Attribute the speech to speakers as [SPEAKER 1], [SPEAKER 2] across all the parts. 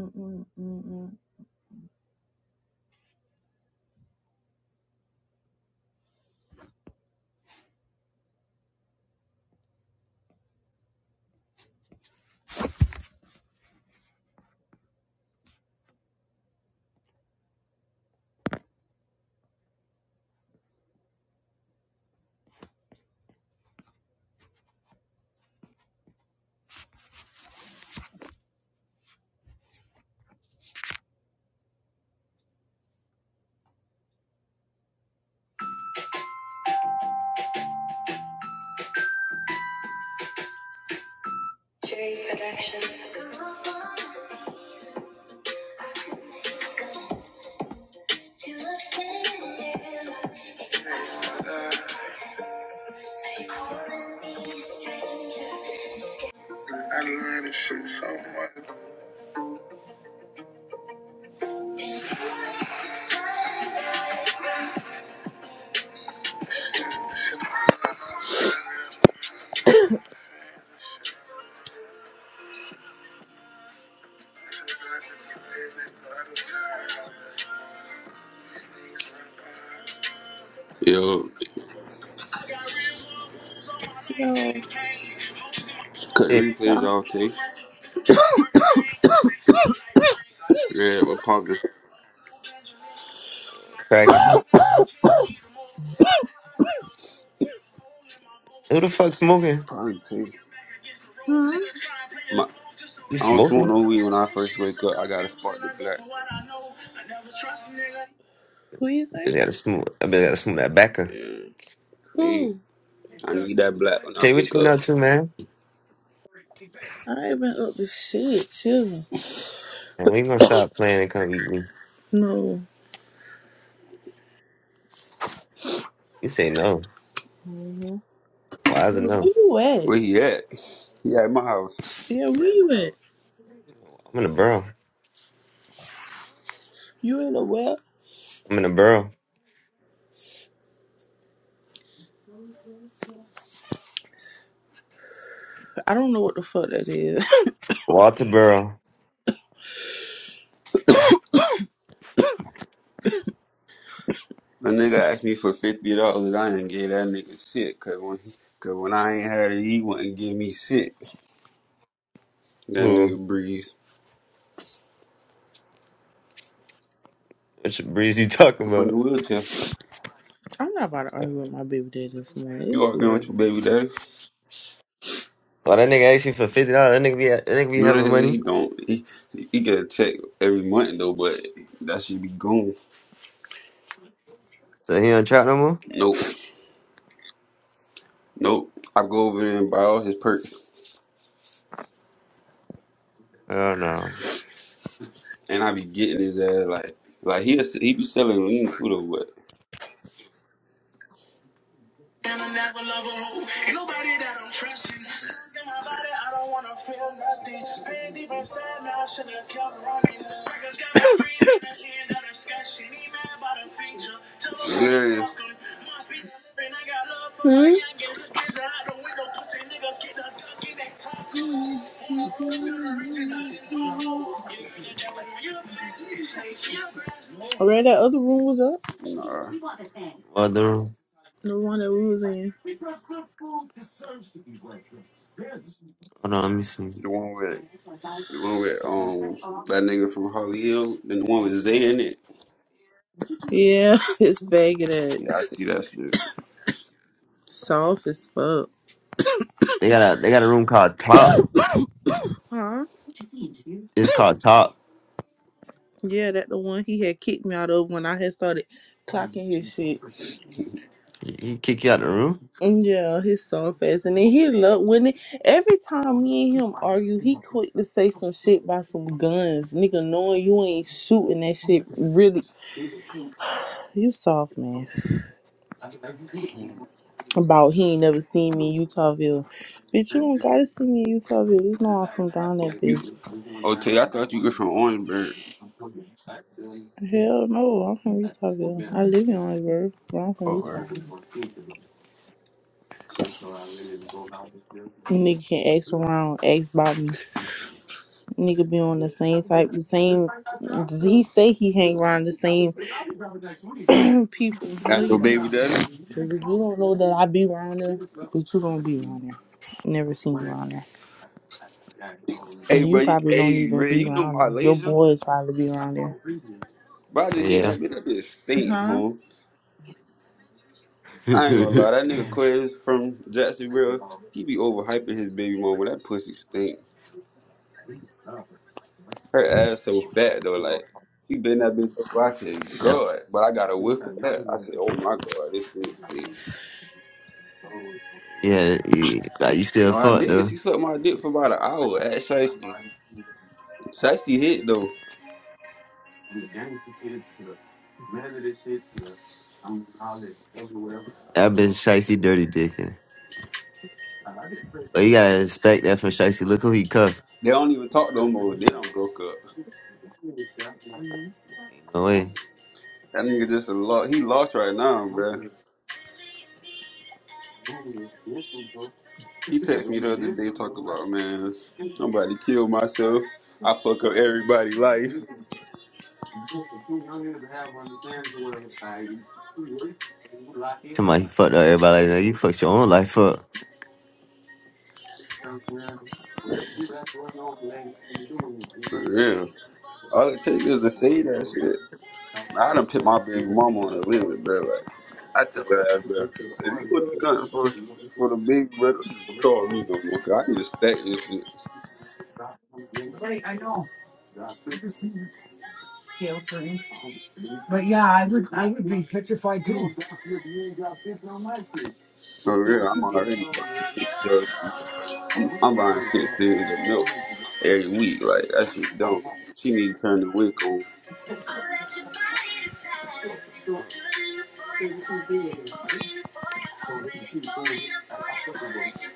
[SPEAKER 1] Mm-mm, mm-mm.
[SPEAKER 2] Yo,
[SPEAKER 1] No.
[SPEAKER 2] cut the
[SPEAKER 3] Hey,
[SPEAKER 2] replays
[SPEAKER 1] Stop,
[SPEAKER 2] off, Tay. Red with poppin'.
[SPEAKER 3] cracking. Who the fuck smoking?
[SPEAKER 2] Poppin', Tay. My,
[SPEAKER 3] You
[SPEAKER 2] I don't smoke
[SPEAKER 3] smoking?
[SPEAKER 2] no weed when I first wake up. I gotta spark the black.
[SPEAKER 1] please. eh?
[SPEAKER 3] Bitch, gotta smoke. I bitch gotta smoke that backer.
[SPEAKER 2] Yeah, me.
[SPEAKER 1] Who?
[SPEAKER 2] I need that black when
[SPEAKER 3] Tell
[SPEAKER 2] I
[SPEAKER 3] you what
[SPEAKER 2] wake
[SPEAKER 3] you been
[SPEAKER 2] up.
[SPEAKER 3] up to, man.
[SPEAKER 1] I ain't been up to shit, chilling.
[SPEAKER 3] And when you gonna stop playing and come eat me?
[SPEAKER 1] No.
[SPEAKER 3] You say no. Why is
[SPEAKER 1] Where,
[SPEAKER 3] it
[SPEAKER 1] where
[SPEAKER 3] no?
[SPEAKER 1] you
[SPEAKER 2] Where
[SPEAKER 1] at?
[SPEAKER 2] he at? He at my house.
[SPEAKER 1] Yeah, where you at?
[SPEAKER 3] I'm in the borough.
[SPEAKER 1] You in the well?
[SPEAKER 3] I'm in the borough.
[SPEAKER 1] I don't know what the fuck that is.
[SPEAKER 3] Walter Burrow.
[SPEAKER 2] A nigga asked me for fifty dollars. I didn't give that nigga shit. Cause when he, cause when I ain't had it, he wouldn't give me shit. That nigga
[SPEAKER 3] Who?
[SPEAKER 2] breeze.
[SPEAKER 3] Which breeze you talking
[SPEAKER 2] I'm on the
[SPEAKER 3] about?
[SPEAKER 2] wheelchair.
[SPEAKER 1] I'm not about to argue with my baby dad this morning.
[SPEAKER 2] You
[SPEAKER 1] It's too
[SPEAKER 2] arguing with
[SPEAKER 1] early
[SPEAKER 2] your
[SPEAKER 1] for
[SPEAKER 2] baby
[SPEAKER 1] that.
[SPEAKER 2] daddy?
[SPEAKER 3] Well, that nigga asked me for fifty dollars. That nigga be that nigga be
[SPEAKER 2] No, the
[SPEAKER 3] having
[SPEAKER 2] hell he
[SPEAKER 3] money,
[SPEAKER 2] don't. He, he get a check every month though, but that should be gone.
[SPEAKER 3] so he don't trap no more.
[SPEAKER 2] Nope. Nope. I go over there and buy all his perks,
[SPEAKER 3] Oh no.
[SPEAKER 2] and I be getting his ass like, like he he be selling lean too though. But Darius,
[SPEAKER 1] Alright, that other room was up.
[SPEAKER 2] nah,
[SPEAKER 3] What the room?
[SPEAKER 1] The one that we was in.
[SPEAKER 3] Hold on, let me see.
[SPEAKER 2] the one with the one with um that nigga from Holly Hill, then the one with Zay in it.
[SPEAKER 1] Yeah, it's faking it.
[SPEAKER 2] Yeah, I see that shit.
[SPEAKER 1] Soft as fuck.
[SPEAKER 3] They got a they got a room called Top.
[SPEAKER 1] Huh?
[SPEAKER 3] It's called Top.
[SPEAKER 1] Yeah, that the one he had kicked me out of when I had started clocking his shit.
[SPEAKER 3] He he kick you out the room.
[SPEAKER 1] Mm, Yeah, his soft ass. And then he loved when it, every time me and him argue, he quick to say some shit about some guns. Nigga, knowing you ain't shooting that shit really. You soft, man. About he ain't never seen me in Utahville. Bitch, you don't gotta see me in Utahville. It's no I'm from down that
[SPEAKER 2] You,
[SPEAKER 1] bitch.
[SPEAKER 2] OT, I thought you were from Orangeburg
[SPEAKER 1] Hell no, I'm from Utahville. I live in Orangeburg, but I'm from
[SPEAKER 2] or
[SPEAKER 1] Utahville. Nigga can ask around, ask about me. Nigga be on the same type, the same. He say he hang around the same people. No,
[SPEAKER 2] as your
[SPEAKER 1] you don't.
[SPEAKER 2] baby daddy.
[SPEAKER 1] Cause if you don't know that I be around there, but you don't be around there. Never seen you around there,
[SPEAKER 2] Hey,
[SPEAKER 1] and
[SPEAKER 2] bro,
[SPEAKER 1] you
[SPEAKER 2] you,
[SPEAKER 1] probably don't
[SPEAKER 2] hey,
[SPEAKER 1] even
[SPEAKER 2] Ray,
[SPEAKER 1] be
[SPEAKER 2] you know
[SPEAKER 1] around
[SPEAKER 2] my
[SPEAKER 1] there. Your
[SPEAKER 2] laser?
[SPEAKER 1] boys probably be around there.
[SPEAKER 2] But I just hit
[SPEAKER 3] Yeah.
[SPEAKER 2] that bitch. That bitch stink,
[SPEAKER 1] Huh?
[SPEAKER 2] huh? I ain't gonna
[SPEAKER 3] That-
[SPEAKER 2] lie, that nigga Quiz from Jacksonville, he be overhyping his baby mama. That pussy stink. Her ass so fat though, like she been that bitch over. I said, God, but I got a whiff of that. I said, Oh my God, this shit stink.
[SPEAKER 3] yeah, you, like, you still
[SPEAKER 2] No, I
[SPEAKER 3] fucked
[SPEAKER 2] did.
[SPEAKER 3] though.
[SPEAKER 2] She sucked my dick for about an hour at Shiesty. Shiesty hit though.
[SPEAKER 3] I've been shicey dirty dicking. But you gotta expect that from shicey. Look who he cuffed.
[SPEAKER 2] They don't even talk no more. They don't broke up.
[SPEAKER 3] Ain't No way.
[SPEAKER 2] That nigga just a lot. He lost right now, bruh. He texted me the other day talking about man, I'm about to kill myself. I fuck up everybody' life.
[SPEAKER 3] Somebody he fucked up everybody like that. You fucked your own life up.
[SPEAKER 2] For real. All it takes is to say that shit. I done put my baby mama on the limit, bro. Like, I tell her, that, bro, if you wouldn't do nothing for for the baby, bro, don't even call me no more, cause I need to stack this shit. For real, I'm already buying six jugs of milk. I'm, I'm buying six things of milk every week. Like, that shit dumb. She need to turn the wick on.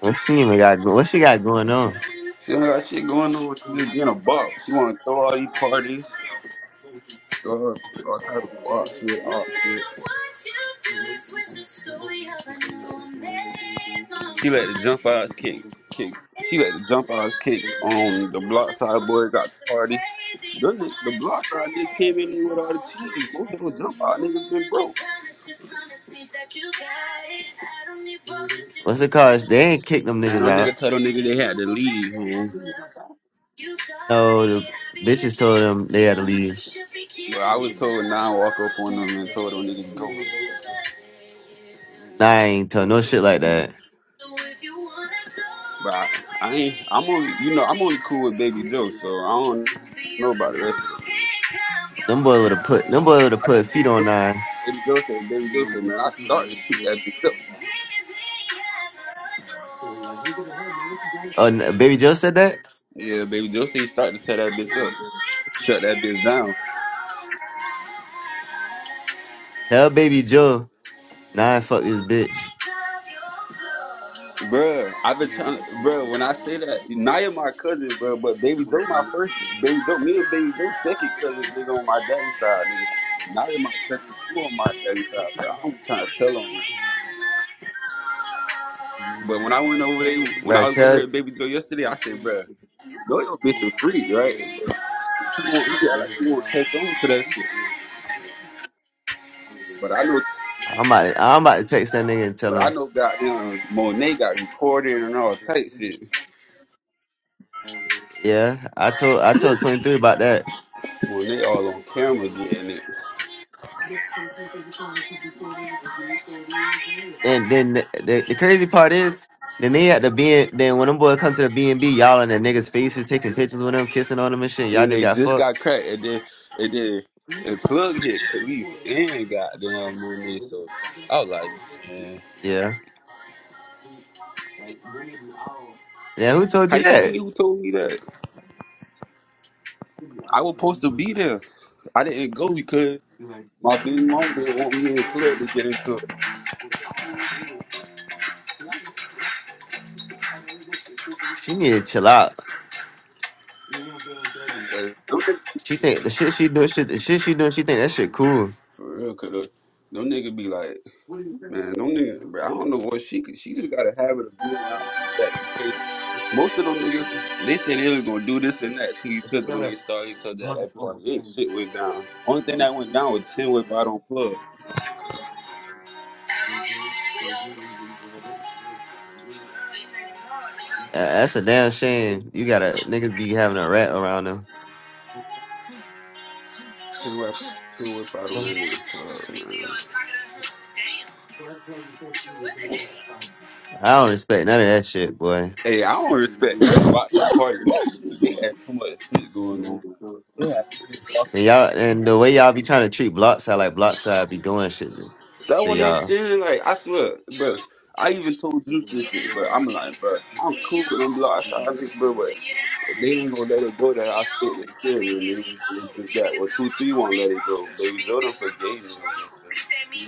[SPEAKER 3] What she even got? go- What she got going on?
[SPEAKER 2] She don't got shit going on. She just being a bop. She want to throw all these parties, throw her all type of bop shit, op shit. She let the jump eyes kick kick. She let the jump eyes kick on the block side boys out the party. Them ni- the block side niggas came in here with all the cheese. Most of them jump out niggas been broke.
[SPEAKER 3] What's the cause? They ain't kicked them
[SPEAKER 2] Man,
[SPEAKER 3] niggas
[SPEAKER 2] them
[SPEAKER 3] out.
[SPEAKER 2] nigga told them nigga they had to leave home.
[SPEAKER 3] No, the bitches told them they had to leave.
[SPEAKER 2] Well, I was told now walk up on them and told them niggas go.
[SPEAKER 3] Nine ain't told no shit like
[SPEAKER 2] But
[SPEAKER 3] that.
[SPEAKER 2] but I, I ain't. I'm only you know I'm only cool with Baby Joe, so I don't know about the rest of them niggas.
[SPEAKER 3] Them boy
[SPEAKER 2] I
[SPEAKER 3] would
[SPEAKER 2] know,
[SPEAKER 3] have put them boy would have
[SPEAKER 2] I know
[SPEAKER 3] put
[SPEAKER 2] Baby
[SPEAKER 3] feet
[SPEAKER 2] Joe
[SPEAKER 3] on
[SPEAKER 2] said.
[SPEAKER 3] nine.
[SPEAKER 2] Baby Joe said. Baby Joe said, man, I start to shoot that bitch up.
[SPEAKER 3] Oh, n- baby Joe said that.
[SPEAKER 2] Yeah, Baby Joe said he started to tear that bitch up. Shut that bitch down.
[SPEAKER 3] Hell, baby Joe. Nah, fuck this bitch.
[SPEAKER 2] Bruh, I've been trying to, bruh, when I say that, Naya my cousin, bruh, but Baby Joe my first, Baby Joe, me and Baby Joe second cousins, nigga, on my daddy's side, nigga. But Naya my cousin too on my daddy's side, but I don't trying to tell on them. But when I went over there, when I
[SPEAKER 3] Bro,
[SPEAKER 2] was with her
[SPEAKER 3] tell
[SPEAKER 2] and Baby Joe yesterday, I said, bruh, you know your bitch a freak, right? But he won't, he act like he won't catch on to that shit. But I know,
[SPEAKER 3] I'm about to, I'm about to text that nigga and tell
[SPEAKER 2] but I
[SPEAKER 3] him.
[SPEAKER 2] know goddamn Monet got recorded and all type shit.
[SPEAKER 3] Yeah, I told I told 23 about that.
[SPEAKER 2] Monet all on camera getting it.
[SPEAKER 3] And then the, the, the crazy part is, then they had the B N then when them boys come to the B and B, y'all in the niggas' faces, taking pictures with them, kissing on them and shit. Y'all
[SPEAKER 2] and
[SPEAKER 3] just
[SPEAKER 2] they
[SPEAKER 3] got
[SPEAKER 2] just
[SPEAKER 3] fucked.
[SPEAKER 2] got cracked, and then and then and plug hit Khalees and goddamn Monet. So I was like, man,
[SPEAKER 3] Yeah, yeah. Who told
[SPEAKER 2] how
[SPEAKER 3] you
[SPEAKER 2] you
[SPEAKER 3] that?
[SPEAKER 2] mean? Who told me that? I was supposed to be there. I didn't go because my big mama didn't want me and plug to get into it.
[SPEAKER 3] She need to chill out.
[SPEAKER 2] 'Cause them niggas,
[SPEAKER 3] She think the shit she doing, shit the shit she doing, she think that shit cool.
[SPEAKER 2] for real, cause them niggas be like. Man, them niggas, bro, I don't know what she could. She just got a habit of being around people that be faking. Most of them niggas, they say they was gonna do this and that to each other when they saw each other at that party. Ain't shit went down. Only thing that went down was ten whip out on plug.
[SPEAKER 3] Uh, That's a damn shame. You gotta niggas be having a rat around them.
[SPEAKER 2] Ten whip, ten whip out on that nigga plug, man.
[SPEAKER 3] I don't respect none of that shit, boy.
[SPEAKER 2] Hey, I don't respect nothing about that party. You, she, they had too much shit going on. Like, they had niggas walking.
[SPEAKER 3] And y'all and the way y'all be trying to treat Blockside like Blockside be doing shit to
[SPEAKER 2] That
[SPEAKER 3] to
[SPEAKER 2] what I'm
[SPEAKER 3] y'all.
[SPEAKER 2] saying. Like I swear, bro. I even told Juice this shit, but I'm like, bro, I'm cool with them blocks. I think, bro, They ain't gonna let it go that I spent in crib and they and they did that. Well, two three won't let it go. Baby Jordan forgave me on some shit,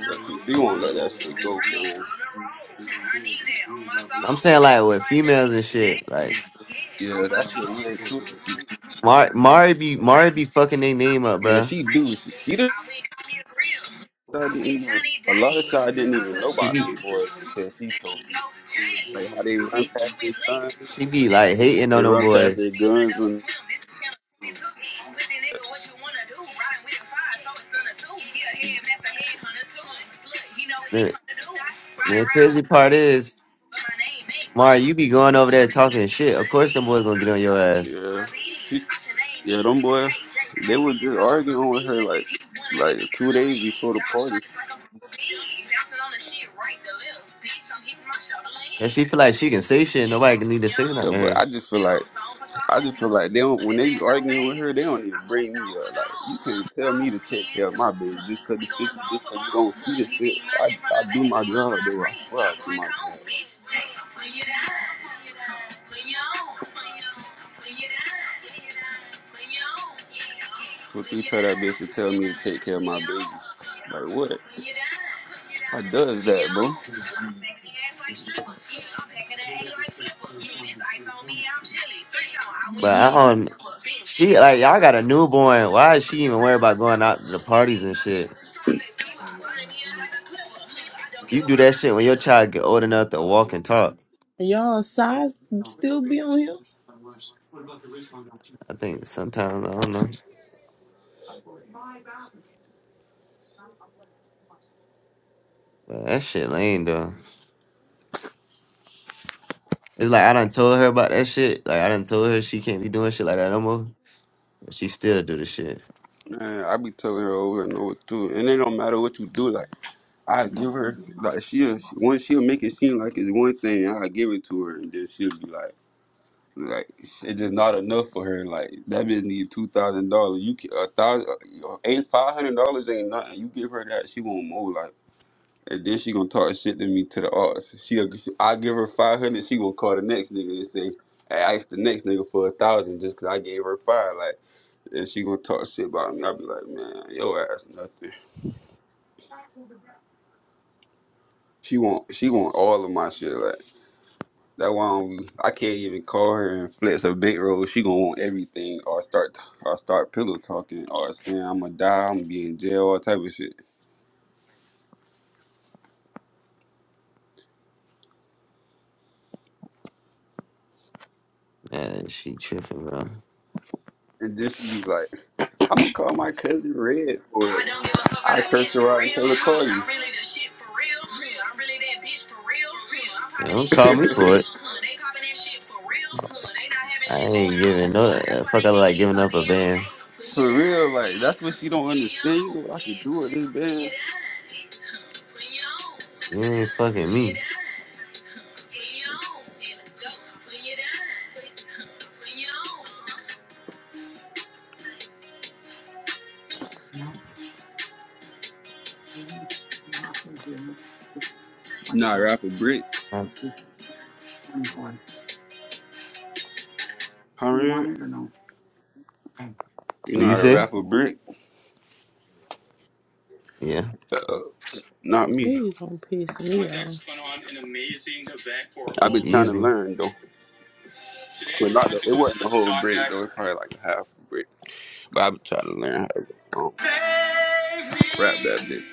[SPEAKER 2] but two three won't let that shit go, man.
[SPEAKER 3] I'm saying like with females and shit, like
[SPEAKER 2] Yeah, that shit weird too.
[SPEAKER 3] Mar Mari be Mari be fucking their name up,
[SPEAKER 2] Yeah,
[SPEAKER 3] bruh.
[SPEAKER 2] she do. She, she the I didn't even a lot of shit I didn't even know
[SPEAKER 3] She
[SPEAKER 2] about them
[SPEAKER 3] be
[SPEAKER 2] boys until she told me. Like how they run past their guns,
[SPEAKER 3] she be like hating
[SPEAKER 2] they
[SPEAKER 3] on them
[SPEAKER 2] run past
[SPEAKER 3] boys.
[SPEAKER 2] their guns when
[SPEAKER 3] The, the crazy part is Mari, you be going over there talking shit. Of course, them boys gonna get on your ass.
[SPEAKER 2] yeah, she yeah them boy. they was just arguing with her like like two days before the party.
[SPEAKER 3] And she feel like she can say shit. Nobody can need to say nothing
[SPEAKER 2] Yeah,
[SPEAKER 3] to
[SPEAKER 2] but
[SPEAKER 3] her.
[SPEAKER 2] I just feel like I just feel like they don't when they be arguing with her, they don't even bring me up. Like you can't tell me to take care of my baby just cause the shit you just cause you don't see the shit. I I do my job though. I swear I do my job. So if you tell that bitch to tell me to take care of my baby. Like what? I does that, bro.
[SPEAKER 3] But I don't. She like y'all got a newborn. Why is she even worried about going out to the parties and shit? You do that shit when your child get old enough to walk and talk.
[SPEAKER 1] Y'all size still be on here?
[SPEAKER 3] I think sometimes I don't know. But that shit lame though. It's like I done told her about that shit. Like I done told her she can't be doing shit like that no more. But she still do the shit.
[SPEAKER 2] Man, I be telling her over and over too. And it don't matter what you do. Like I give her like she'll she, one she'll make it seem like it's one thing. and I give it to her, and then she'll be like. Like it's just not enough for her. Like that bitch need two thousand dollars. You ca- a thousand, uh, eight five hundred dollars ain't nothing. You give her that, she want more. Like and then she gonna talk shit to me to the arts. She, I give her five hundred. She gonna call the next nigga and say, I asked the next nigga for a thousand just 'cause I gave her five. Like and she gonna talk shit about me. I be like, man, your ass nothing. She want she want all of my shit. Like. That's why I'm, I can't even call her and flex her big roll. She gonna want everything, or start, or start pillow talking, or saying I'm gonna die, I'm gonna be in jail, all type of shit.
[SPEAKER 3] Man, she tripping, bro.
[SPEAKER 2] And then she be like, I'm gonna call my cousin Red for it. I curse her out and tell her call you.
[SPEAKER 3] Yeah, don't
[SPEAKER 2] for
[SPEAKER 3] call me for it. I ain't giving no uh, fuck. I like giving up a band.
[SPEAKER 2] real, like that's what she don't understand. You know what I could do with this band?
[SPEAKER 3] You ain't fucking me.
[SPEAKER 2] Not rap a brick,
[SPEAKER 3] What
[SPEAKER 2] huh? Red? You know
[SPEAKER 3] you
[SPEAKER 2] how to
[SPEAKER 3] say?
[SPEAKER 2] rap a brick?
[SPEAKER 3] Yeah,
[SPEAKER 2] Uh, not me.
[SPEAKER 1] Please don't piss me off. An amazing event for
[SPEAKER 2] I've
[SPEAKER 3] it's
[SPEAKER 1] all
[SPEAKER 2] been
[SPEAKER 1] of
[SPEAKER 2] trying to
[SPEAKER 1] us.
[SPEAKER 3] easy.
[SPEAKER 2] learn though, but not the, it wasn't the whole brick though. It's probably like half a brick. I would try to learn how to um, rap that bitch.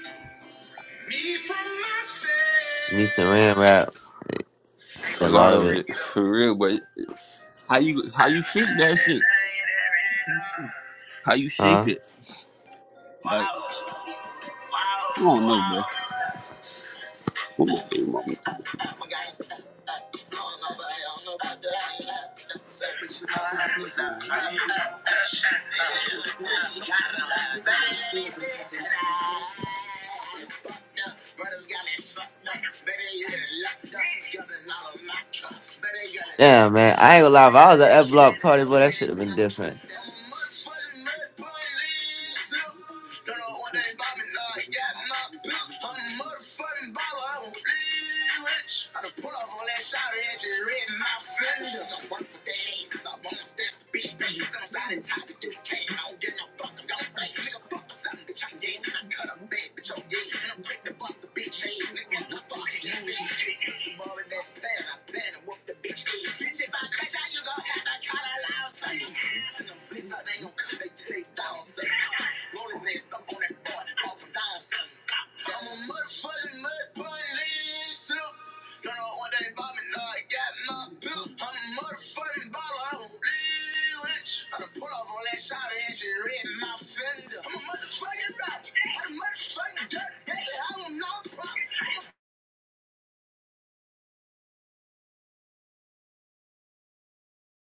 [SPEAKER 3] Me Saran rap,
[SPEAKER 2] A
[SPEAKER 3] did a
[SPEAKER 2] lot
[SPEAKER 3] lot of
[SPEAKER 2] of
[SPEAKER 3] it.
[SPEAKER 2] it, for real. But how you how you shape that shit? How you shape
[SPEAKER 3] Huh?
[SPEAKER 2] it? Like I don't know, bro. What my baby mama to this man?
[SPEAKER 3] Damn, man. I ain't gonna lie. If I was at that block party, boy, that should have been different.